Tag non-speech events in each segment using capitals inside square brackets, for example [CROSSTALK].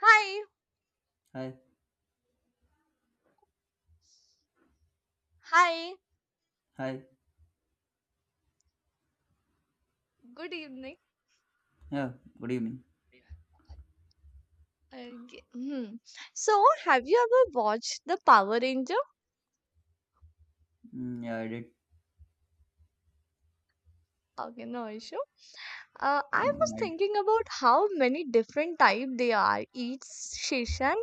Hi, Hi, hi, hi. good evening. Yeah, what good evening. Uh, hmm. So, have you ever watched The Power Ranger? Yeah, I did. Okay, no issue. I I mean, was I. thinking about how many different type they are. Each season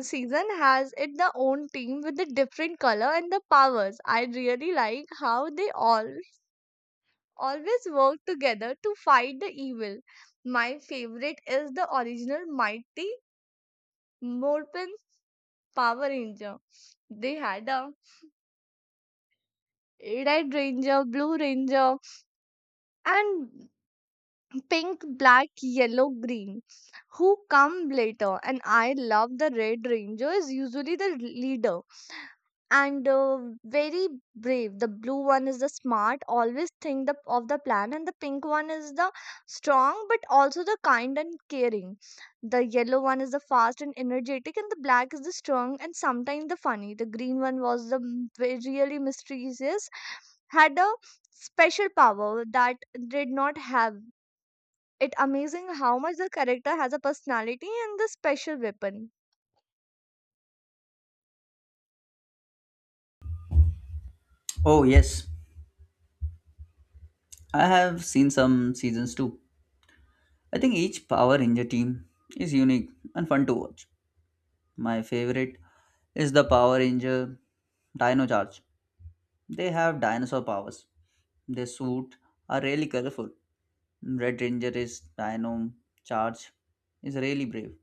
season has it the own team with the different color and the powers. I really like how they all always work together to fight the evil. My favorite is the original Mighty Morphin Power Ranger. They had a Red Ranger, Blue Ranger, and pink, black, yellow, green, who come later. And I love the Red Ranger is usually the leader and very brave. The blue one is the smart, always think of the plan, and the pink one is the strong but also the kind and caring. The yellow one is the fast and energetic, and the black is the strong and sometimes the funny. The green one was really mysterious, had a special power that did not have it amazing how much the character has a personality and the special weapon. Oh yes, I have seen some seasons too. I think each Power Ranger team is unique and fun to watch. My favorite is the Power Ranger Dino Charge. They have dinosaur powers. Their suit are really colorful. Red Ranger is Dino Charge is really brave,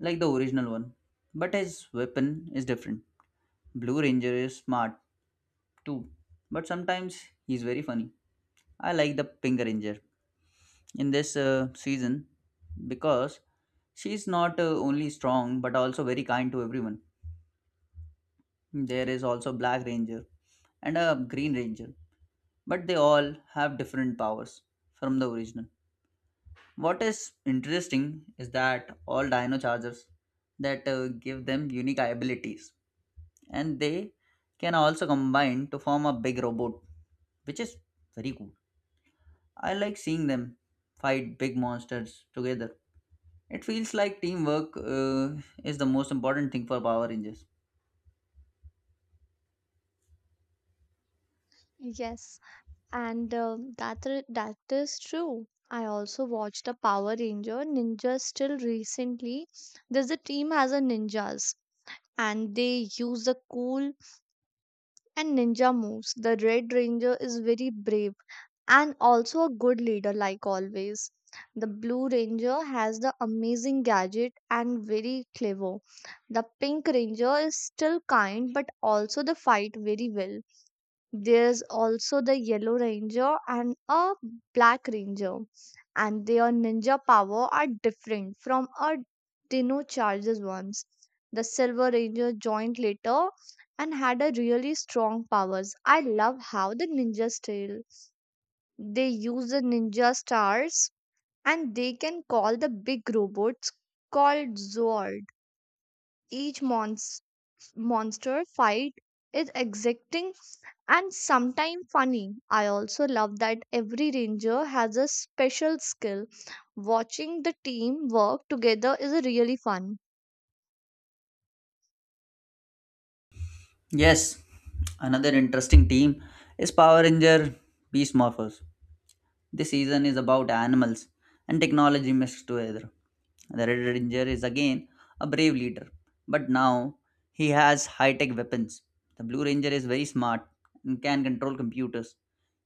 like the original one, but his weapon is different. Blue Ranger is smart too, but sometimes he's very funny. I like the Pink Ranger in this season because she's not only strong but also very kind to everyone. There is also Black Ranger and a Green Ranger, but they all have different powers from the original. What is interesting is that all Dino Chargers that give them unique abilities and they can also combine to form a big robot, which is very cool. I like seeing them fight big monsters together. It feels like teamwork is the most important thing for Power Rangers. Yes, and that is true. I also watched a Power Ranger Ninja still recently. There's a team has a ninjas and they use the cool and ninja moves. The Red Ranger is very brave and also a good leader, like always. The Blue Ranger has the amazing gadget and very clever. The Pink Ranger is still kind but also the fight very well. There's also the Yellow Ranger and a Black Ranger, and their ninja power are different from a Dino Charger's ones. The Silver Ranger joined later and had a really strong powers. I love how the ninjas tell. They use the ninja stars and they can call the big robots called Zord. Each monster fight is exacting and sometimes funny. I also love that every ranger has a special skill. Watching the team work together is really fun. Yes, another interesting team is Power Ranger Beast Morphers. This season is about animals and technology mixed together. The Red Ranger is again a brave leader, but now he has high tech weapons. The Blue Ranger is very smart and can control computers.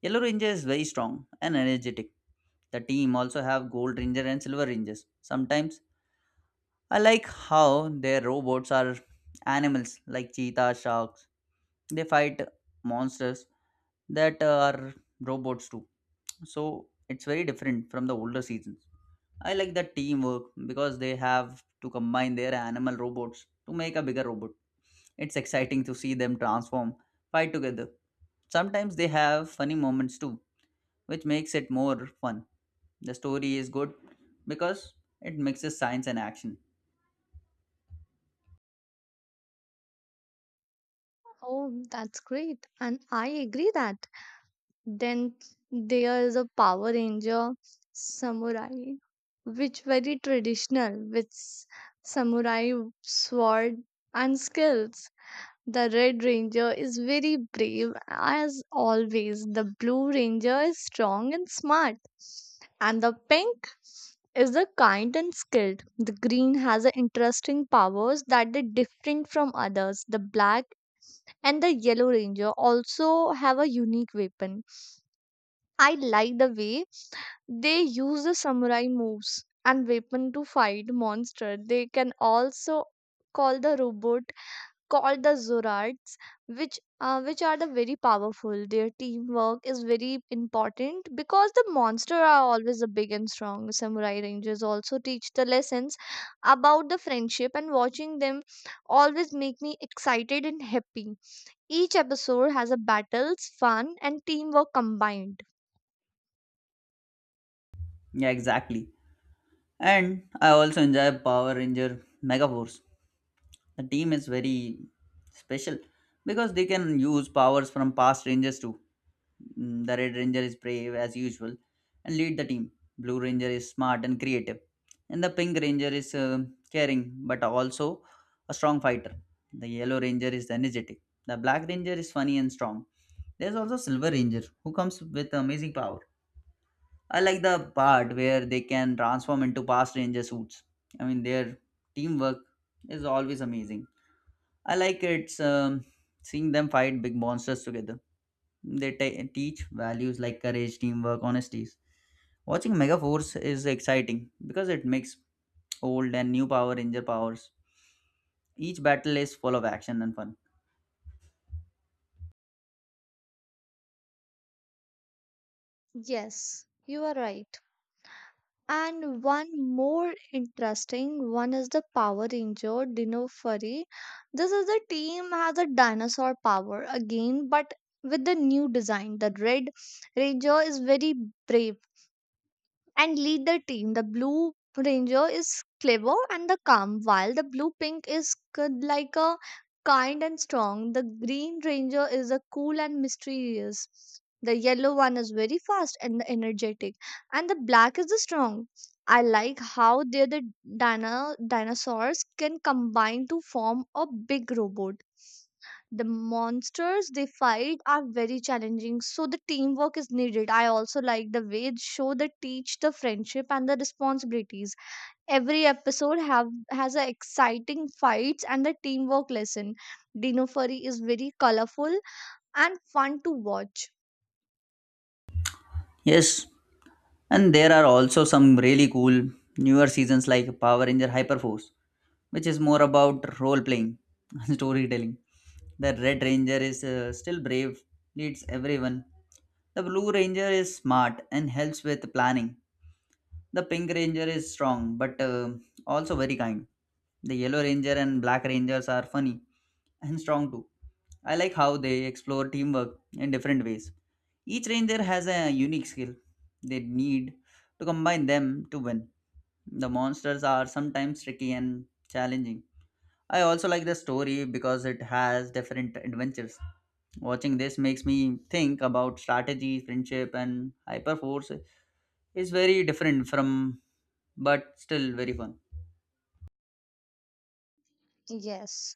Yellow Ranger is very strong and energetic. The team also have gold ranger and silver rangers. Sometimes I like how their robots are animals like cheetah, sharks. They fight monsters that are robots too. So it's very different from the older seasons. I like the teamwork because they have to combine their animal robots to make a bigger robot. It's exciting to see them transform, fight together. Sometimes they have funny moments too, which makes it more fun. The story is good because it mixes science and action. Oh, that's great. And I agree that. Then there is a Power Ranger samurai, which very traditional with samurai sword and skills. The Red Ranger is very brave as always. The Blue Ranger is strong and smart. And the Pink is the kind and skilled. The Green has a interesting powers that are different from others. The Black and the Yellow Ranger also have a unique weapon. I like the way they use the samurai moves and weapon to fight monster. They can also call the robot called the Zorards, which are the very powerful. Their teamwork is very important because the monsters are always a big and strong. Samurai Rangers also teach the lessons about the friendship, and watching them always make me excited and happy. Each episode has a battles, fun, and teamwork combined. Yeah, exactly. And I also enjoy Power Ranger Megaforce. The team is very special because they can use powers from past Rangers too. The Red Ranger is brave as usual and lead the team. Blue Ranger is smart and creative. And the Pink Ranger is caring but also a strong fighter. The Yellow Ranger is energetic. The Black Ranger is funny and strong. There's also Silver Ranger who comes with amazing power. I like the part where they can transform into past Ranger suits. I mean, their teamwork is always amazing. I like it's seeing them fight big monsters together. They teach values like courage, teamwork, honesty. Watching Megaforce is exciting because it makes old and new Power Ranger powers. Each battle is full of action and fun. Yes, you are right. And one more interesting one is the Power Ranger Dinofury. This is a team has a dinosaur power again, but with the new design. The Red Ranger is very brave and lead the team. The blue ranger is clever and the calm, while the blue pink is like a kind and strong. The green ranger is a cool and mysterious. The yellow one is very fast and energetic, and the black is the strong. I like how they the dinosaurs can combine to form a big robot. The monsters they fight are very challenging, so the teamwork is needed. I also like the way the show the teach the friendship and the responsibilities. Every episode have has a exciting fights and the teamwork lesson. Dino furry is very colorful and fun to watch. Yes, and there are also some really cool newer seasons like Power Ranger Hyperforce, which is more about role playing [LAUGHS] and storytelling. The Red Ranger is still brave, leads everyone. The Blue Ranger is smart and helps with planning. The pink ranger is strong, but also very kind. The yellow ranger and black rangers are funny and strong too. I like how they explore teamwork in different ways. Each ranger has a unique skill. They need to combine them to win. The monsters are sometimes tricky and challenging. I also like the story because it has different adventures. Watching this makes me think about strategy, friendship, and hyperforce is very different from but still very fun. Yes,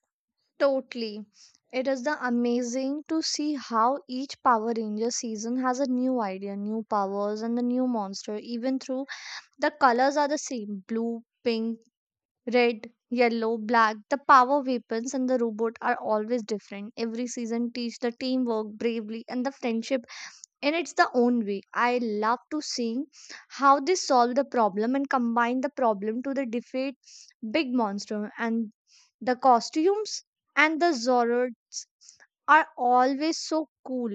totally, it is the amazing to see how each power ranger season has a new idea, new powers, and the new monster, even through the colors are the same: blue, pink, Red, yellow, black, the power weapons and the robot are always different. Every season teach the teamwork, bravery, and the friendship in its the own way. I love to see how they solve the problem and combine the problem to the defeat big monster and the costumes and the horror are always so cool.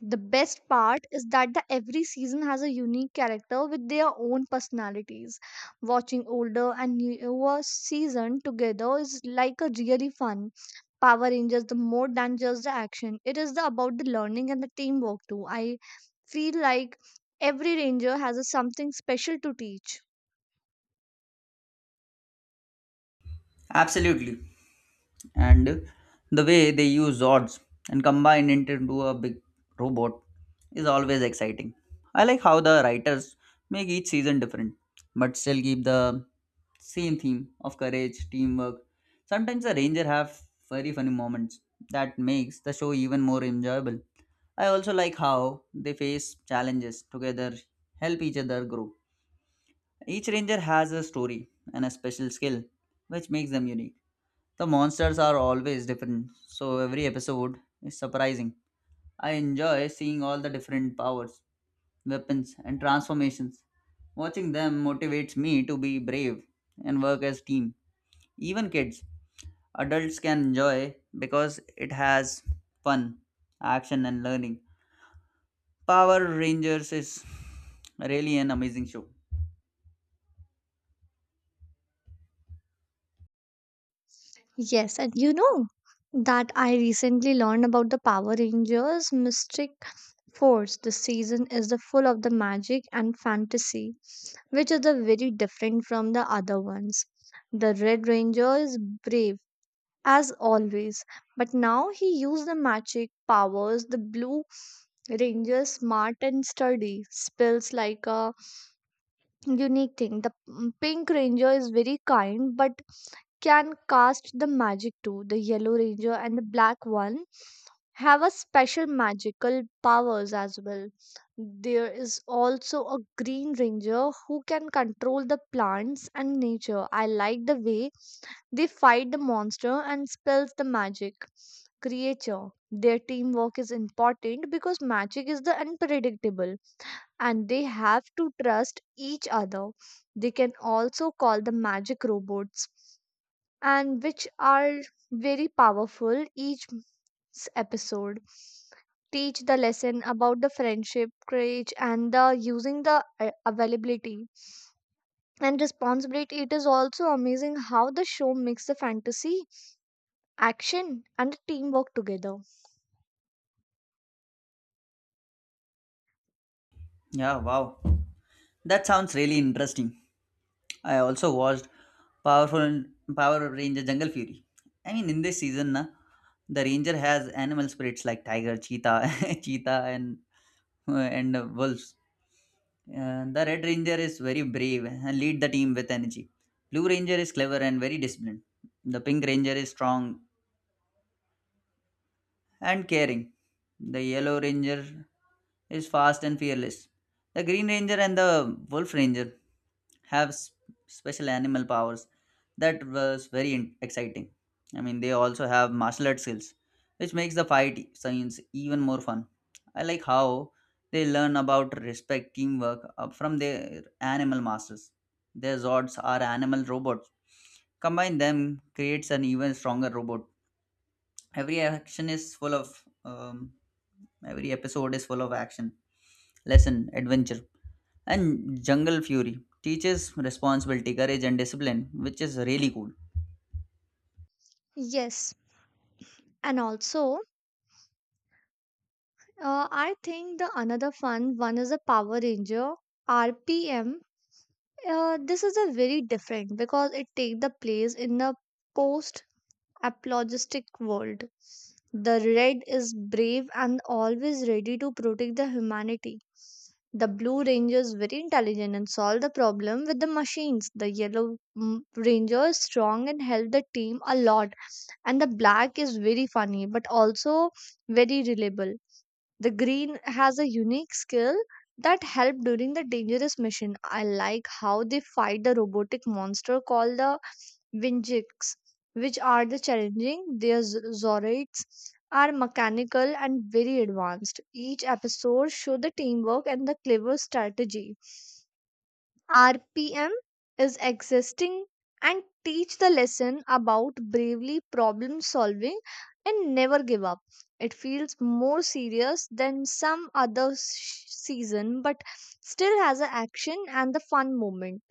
The best part is that the every season has a unique character with their own personalities. Watching older and newer season together is like a really fun. Power Rangers the more than just the action. It is the about the learning and the teamwork too. I feel like every ranger has a something special to teach. Absolutely. And the way they use odds and combine it into a big robot is always exciting. I like how the writers make each season different but still keep the same theme of courage teamwork. Sometimes the ranger have very funny moments that makes the show even more enjoyable. I also like how they face challenges together, help each other grow. Each ranger has a story and a special skill, which makes them unique. The monsters are always different, so every episode is surprising. I enjoy seeing all the different powers, weapons, and transformations. Watching them motivates me to be brave and work as team. Even kids, adults can enjoy because it has fun, action and learning. Power Rangers is really an amazing show. Yes, and you know that I recently learned about the Power Rangers Mystic Fourth, the season is the full of the magic and fantasy, which is the very different from the other ones. The Red Ranger is brave as always, but now he uses the magic powers. The Blue Ranger is smart and sturdy, spells like a unique thing. The Pink Ranger is very kind but can cast the magic too. The Yellow Ranger and the Black one have a special magical powers as well. There is also a green ranger who can control the plants and nature. I like the way they fight the monster and spells the magic creature. Their teamwork is important because magic is the unpredictable and they have to trust each other. They can also call the magic robots and which are very powerful. Each episode teach the lesson about the friendship, courage, and the using the availability and responsibility. It is also amazing how the show makes the fantasy, action, and teamwork together. Yeah, wow. That sounds really interesting. I also watched Powerful Power Ranger Jungle Fury. I mean, in this season, na, the ranger has animal spirits like tiger, cheetah, [LAUGHS] cheetah, and wolves. The red ranger is very brave and lead the team with energy. Blue ranger is clever and very disciplined. The pink ranger is strong and caring. The yellow ranger is fast and fearless. The Green Ranger and the Wolf Ranger have special animal powers that was very exciting. I mean, they also have martial arts skills, which makes the fight scenes even more fun. I like how they learn about respect, teamwork from their animal masters. Their Zords are animal robots. Combine them creates an even stronger robot. Every action is full of Every episode is full of action, lesson, adventure, and jungle fury. Teaches responsibility, courage, and discipline, which is really cool. Yes, and also, I think the another fun one is a power ranger RPM. This is a very different because it take the place in the post apologistic world. The red is brave and always ready to protect the humanity. The blue ranger is very intelligent and solve the problem with the machines. The yellow ranger is strong and help the team a lot. And the black is very funny but also very reliable. The green has a unique skill that help during the dangerous mission. I like how they fight the robotic monster called the Vinjiks, which are the challenging. Their Zoroids are mechanical and very advanced. Each episode show the teamwork and the clever strategy. RPM is existing and teach the lesson about bravely problem solving and never give up. It feels more serious than some other season, but still has an action and the fun moment.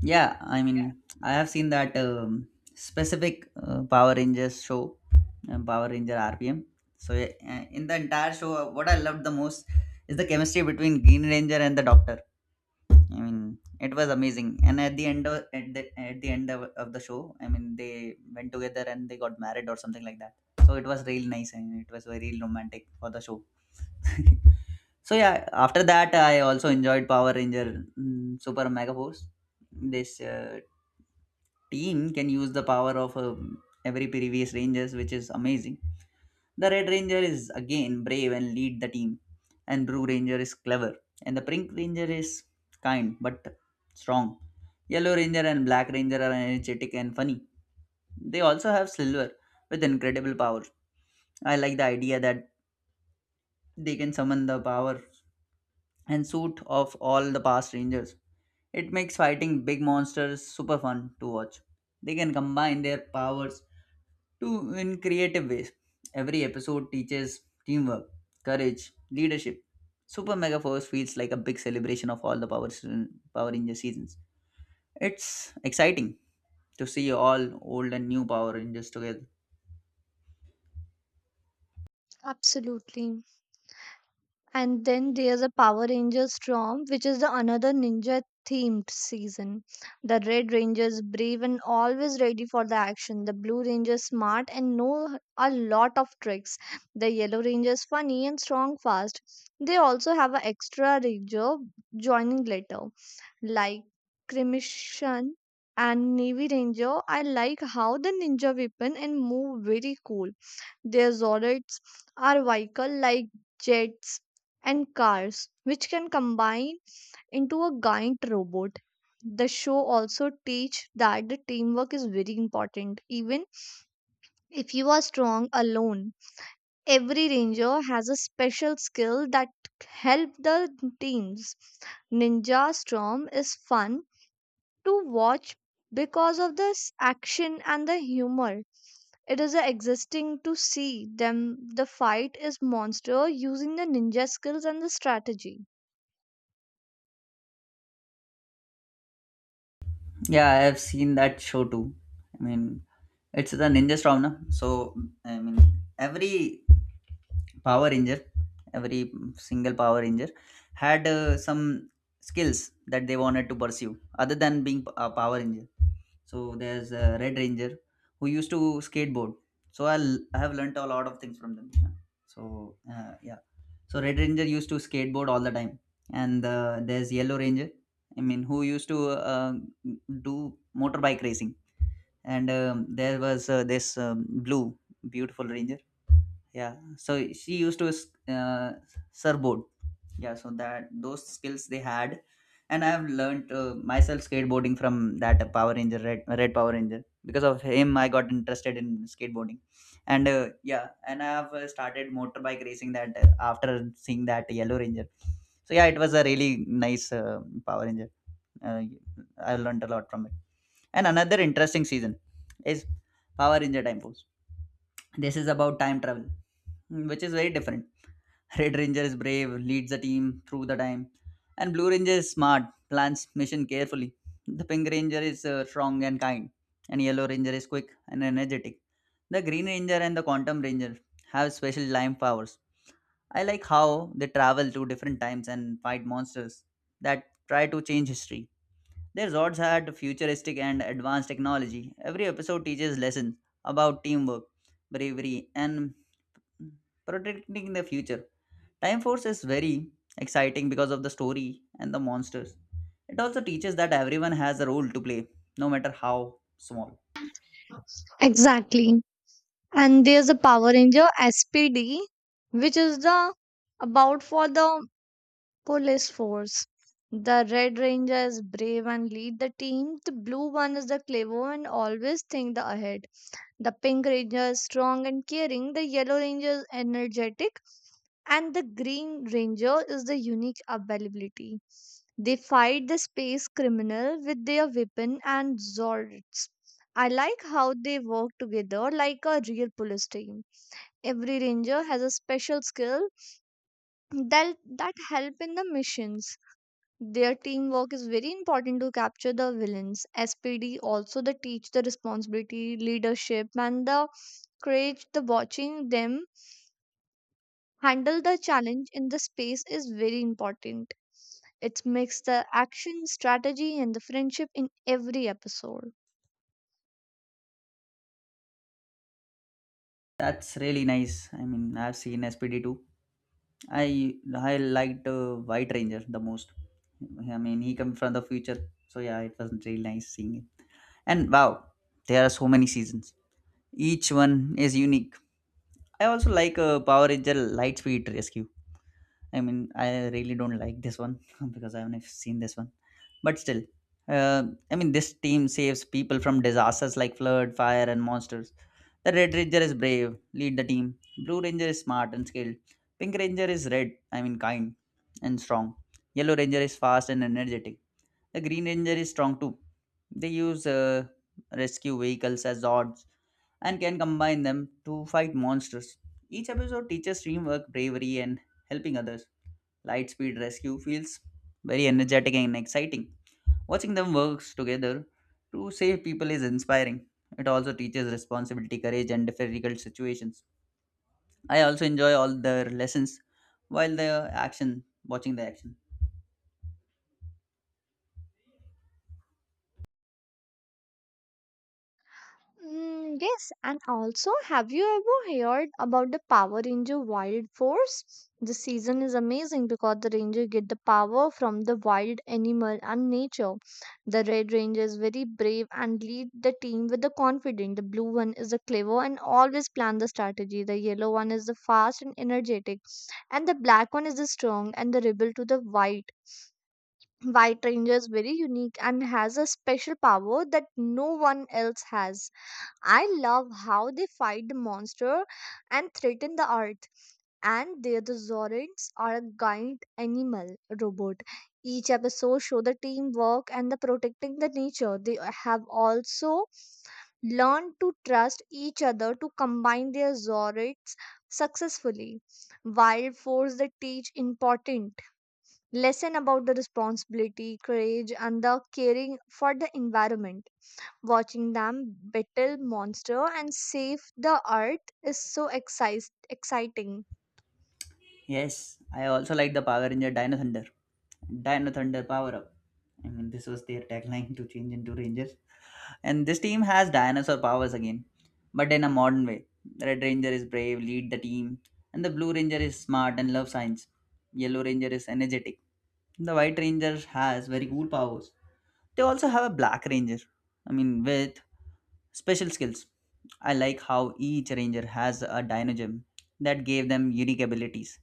Yeah, I mean, I have seen that specific Power Rangers show, Power Ranger RPM. So, yeah, in the entire show, what I loved the most is the chemistry between Green Ranger and the Doctor. I mean, it was amazing. And at the end of the show, I mean, they went together and they got married or something like that. So it was really nice and it was very romantic for the show. [LAUGHS] So yeah, after that, I also enjoyed Power Ranger Super Mega Force. This team can use the power of every previous Rangers, which is amazing. The Red Ranger is again brave and lead the team, and Blue Ranger is clever, and the Pink Ranger is kind but strong. Yellow Ranger and Black Ranger are energetic and funny. They also have Silver with incredible power. I like the idea that they can summon the power and suit of all the past Rangers. It makes fighting big monsters super fun to watch. They can combine their powers to in creative ways. Every episode teaches teamwork, courage, leadership. Super Mega Force feels like a big celebration of all the powers Power Ranger seasons. It's exciting to see all old and new Power Rangers together. Absolutely. And then there's a Power Ranger Storm, which is the another ninja themed season. The Red Ranger is brave and always ready for the action. The Blue Ranger is smart and know a lot of tricks. The Yellow Ranger is funny and strong fast. They also have an extra ranger joining later, like Cremation and Navy Ranger. I like how the ninja weapon and move very cool. Their zoroasts are vehicle like jets and cars, which can combine into a giant robot. The show also teach that the teamwork is very important. Even if you are strong alone, every ranger has a special skill that help the teams. Ninja Storm is fun to watch because of the action and the humor. It is a exhausting to see them. The fight is monster using the ninja skills and the strategy. Yeah, I have seen that show too. I mean, it's the Ninja Storm, na? So, I mean, every Power Ranger, every single Power Ranger had some skills that they wanted to pursue other than being a Power Ranger. So, there's a Red Ranger who used to skateboard. So, I have learnt a lot of things from them. So, yeah. So Red Ranger used to skateboard all the time, and there's Yellow Ranger. I mean, who used to do motorbike racing, and there was this blue beautiful ranger. Yeah, so she used to uh, surfboard. Yeah, so that those skills they had, and I have learned myself skateboarding from that power ranger red power ranger. Because of him I got interested in skateboarding, and yeah, and I have started motorbike racing that after seeing that yellow ranger. So yeah, it was a really nice power ranger. uh, I learned a lot from it. And another interesting season is Power Ranger Time Force. This is about time travel, which is very different. Red Ranger is brave, leads the team through the time, and Blue Ranger is smart, plans mission carefully. The Pink Ranger is strong and kind, and Yellow Ranger is quick and energetic. The Green Ranger and the Quantum Ranger have special time powers. I like how they travel to different times and fight monsters that try to change history. Their Zords had futuristic and advanced technology. Every episode teaches lessons about teamwork, bravery, and protecting the future. Time Force is very exciting because of the story and the monsters. It also teaches that everyone has a role to play, no matter how small. Exactly. And there's the Power Ranger SPD, which is the about for the police force. The Red Ranger is brave and lead the team. The blue one is the clever and always think the ahead. The pink ranger is strong and caring. The yellow ranger is energetic. And the Green Ranger is the unique availability. They fight the space criminal with their weapon and zords. I like how they work together like a real police team. Every ranger has a special skill that help in the missions. Their teamwork is very important to capture the villains. SPD also they teach the responsibility, leadership, and the courage. The watching them handle the challenge in the space is very important. It makes the action, strategy, and the friendship in every episode. That's really nice. I mean, I've seen SPD2. I liked White Ranger the most. I mean, he comes from the future, so yeah, it was really nice seeing him. And wow, there are so many seasons. Each one is unique. I also like Power Ranger Lightspeed Rescue. I mean, I really don't like this one [LAUGHS] because I haven't seen this one. But still, uh, I mean, this team saves people from disasters like flood, fire, and monsters. The Red Ranger is brave, lead the team. Blue Ranger is smart and skilled. Pink Ranger is red, I mean, kind and strong. Yellow Ranger is fast and energetic. The Green Ranger is strong too. They use rescue vehicles as odds and can combine them to fight monsters. Each episode teaches teamwork, bravery, and helping others. Lightspeed Rescue feels very energetic and exciting. Watching them work together to save people is inspiring. It also teaches responsibility, courage, and difficult situations. I also enjoy all their lessons while the action, watching the action. Mm, yes, and also, have you ever heard about the Power Ranger Wild Force? The season is amazing because the ranger get the power from the wild animal and nature. The red ranger is very brave and lead the team with the confidence. The blue one is the clever and always plan the strategy. The yellow one is the fast and energetic, and the black one is the strong and the rebel to the white. White Ranger is very unique and has a special power that no one else has. I love how they fight the monster and threaten the earth. And their the Zorans are a giant animal robot. Each episode show the teamwork and the protecting the nature. They have also learned to trust each other to combine their Zorans successfully. Wild Force they teach important lesson about the responsibility, courage, and the caring for the environment. Watching them battle monster and save the earth is so exciting. Yes, I also like the Power Ranger Dino Thunder. Dino Thunder power up. I mean, this was their tagline to change into Rangers. And this team has dinosaur powers again, but in a modern way. Red Ranger is brave, lead the team, and the Blue Ranger is smart and love science. Yellow Ranger is energetic. The White Ranger has very cool powers. They also have a Black Ranger, I mean, with special skills. I like how each Ranger has a Dino Gem that gave them unique abilities.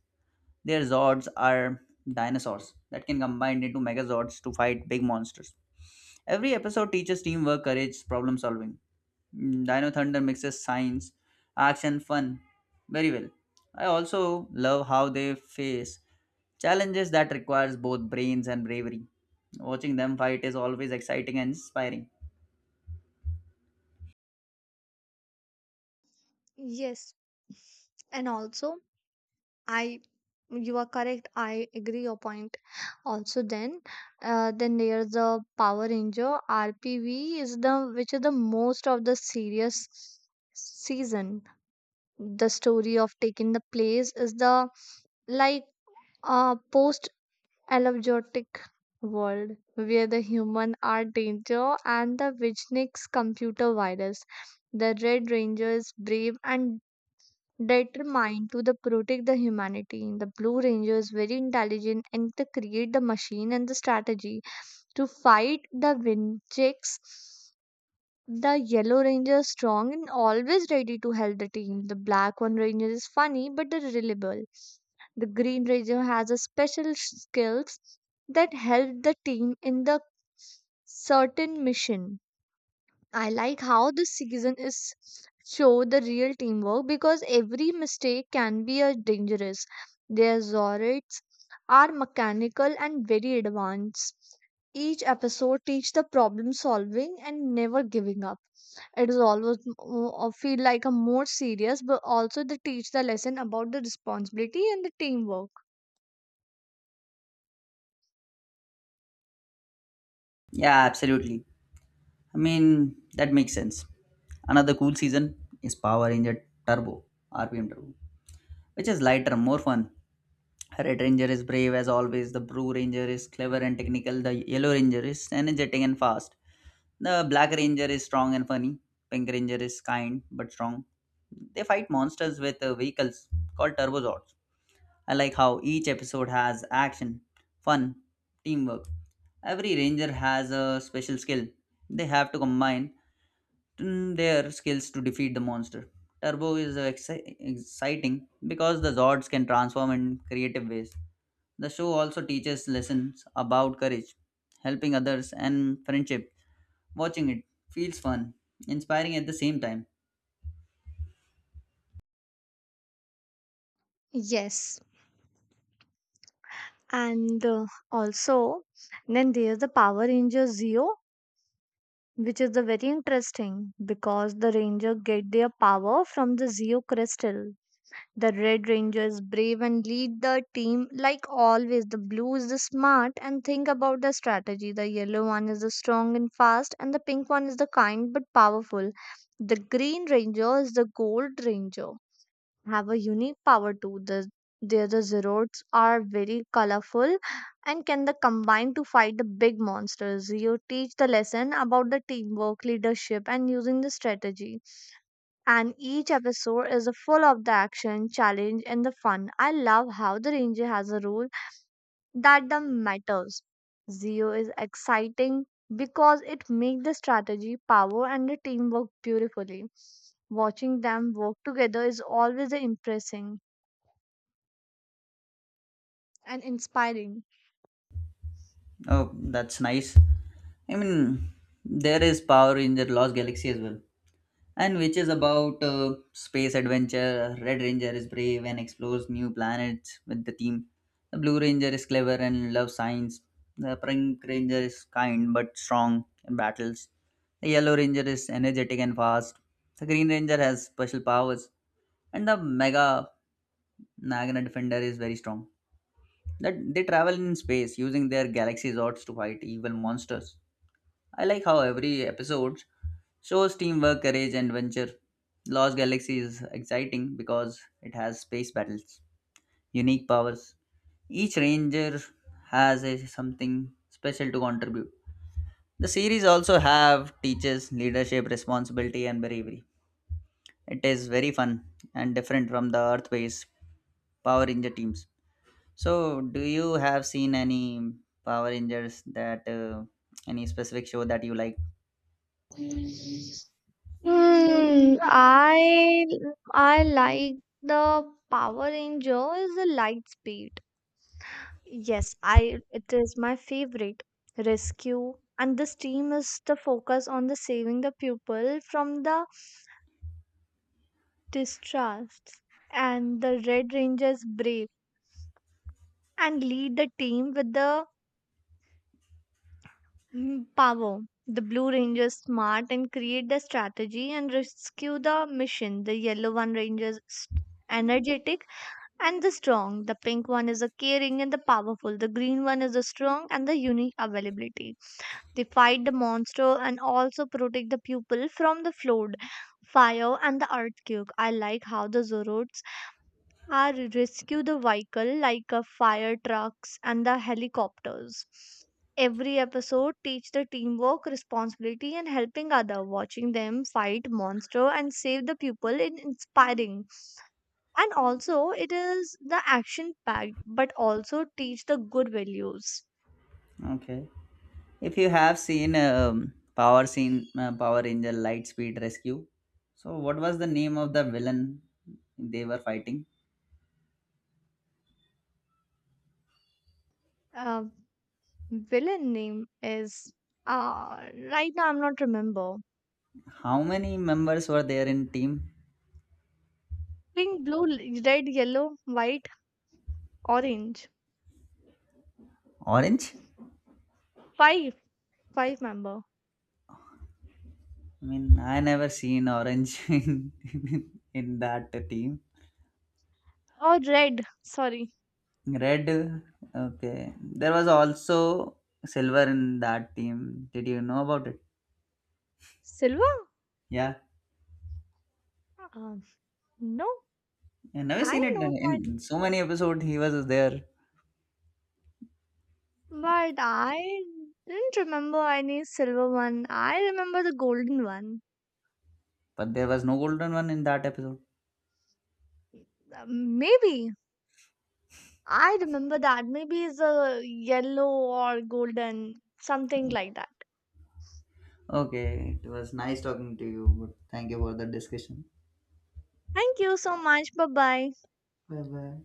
Their Zords are dinosaurs that can combine into Megazords to fight big monsters. Every episode teaches teamwork, courage, problem solving. Dino Thunder mixes science, action, fun very well. I also love how they face challenges that requires both brains and bravery. Watching them fight is always exciting and inspiring. Yes, and also I you are correct. I agree your point. Also, then there's the Power Ranger RPV is the which is the most of the serious season. The story of taking the place is the like a post allergic world where the human are danger and the Vichnik's computer virus. The Red Ranger is brave and determined to the protect the humanity. The Blue Ranger is very intelligent and to create the machine and the strategy to fight the Vichnik's. The yellow ranger is strong and always ready to help the team. The black one ranger is funny but reliable. The green ranger has a special skills that help the team in the certain mission. I like how this season is show the real teamwork because every mistake can be a dangerous. Their Zords are mechanical and very advanced. Each episode teach the problem solving and never giving up. It is always feel like a more serious, but also they teach the lesson about the responsibility and the teamwork. Yeah, absolutely. I mean, that makes sense. Another cool season is Power Ranger Turbo, RPM Turbo, which is lighter, more fun. Red Ranger is brave as always, the Blue Ranger is clever and technical, the Yellow Ranger is energetic and fast. The Black Ranger is strong and funny. Pink Ranger is kind but strong. They fight monsters with vehicles called Turbozords. I like how each episode has action, fun, teamwork. Every ranger has a special skill. They have to combine their skills to defeat the monster. Turbo is exciting because the Zords can transform in creative ways. The show also teaches lessons about courage, helping others, and friendship. Watching it feels fun, inspiring at the same time. Yes, and also then there's the Power Ranger Zeo, which is the very interesting because the ranger get their power from the Zeo crystal. The red ranger is brave and lead the team like always. The blue is the smart and think about the strategy. The yellow one is the strong and fast, and the pink one is the kind but powerful. The green ranger is the gold ranger, have a unique power too. Their zeroids are very colorful and can the combine to fight the big monsters. You teach the lesson about the teamwork, leadership, and using the strategy. And each episode is full of the action, challenge, and the fun. I love how the ranger has a role that the matters. Zio is exciting because it makes the strategy, power, and the teamwork beautifully. Watching them work together is always impressive and inspiring. Oh, that's nice. I mean, there is Power Ranger Lost Galaxy as well, and which is about space adventure. Red Ranger is brave and explores new planets with the team. The Blue Ranger is clever and loves science. The Pink Ranger is kind but strong in battles. The Yellow Ranger is energetic and fast. The Green Ranger has special powers, and the Mega Nagana Defender is very strong. That they travel in space using their galaxy swords to fight evil monsters. I like how every episode shows teamwork, courage, and adventure. Lost Galaxy is exciting because it has space battles, unique powers. Each ranger has a, something special to contribute. The series also have teaches leadership, responsibility, and bravery. It is very fun and different from the Earth-based Power Ranger teams. So, do you have seen any Power Rangers that any specific show that you like? Hmm, I I like the Power Rangers is the Lightspeed. Yes, I it is my favorite. Rescue, and this team is the focus on the saving the pupil from the distrust. And the Red Rangers brave and lead the team with the Pavo. The blue rangers smart and create the strategy and rescue the mission. The yellow one rangers energetic and the strong. The pink one is the caring and the powerful. The green one is the strong and the unique availability. They fight the monster and also protect the pupil from the flood, fire, and the earthquake. I like how the Zoroark are rescue the vehicle like a fire trucks and the helicopters. Every episode teach the teamwork, responsibility, and helping other. Watching them fight monster and save the people in inspiring. And also it is the action packed, but also teach the good values. Okay, if you have seen Power Scene, Power Ranger Lightspeed Rescue. So, what was the name of the villain they were fighting? Uh, Villain name is uh right now I'm not remember. How many members were there in team? Pink, blue, red, yellow, white, orange. Orange? Five. Five member. I mean, I never seen orange [LAUGHS] in that team. Oh, red. Sorry. Red? Okay. There was also silver in that team. Did you know about it? Silver? Yeah. Um, no, I never I seen it know that, in so many episodes. He was there, but I didn't remember any silver one. I remember the golden one. but there was no golden one in that episode. Maybe. I remember that. Maybe it's a yellow or golden, something like that. Okay, it was nice talking to you. Thank you for the discussion. Thank you so much. Bye bye. Bye bye.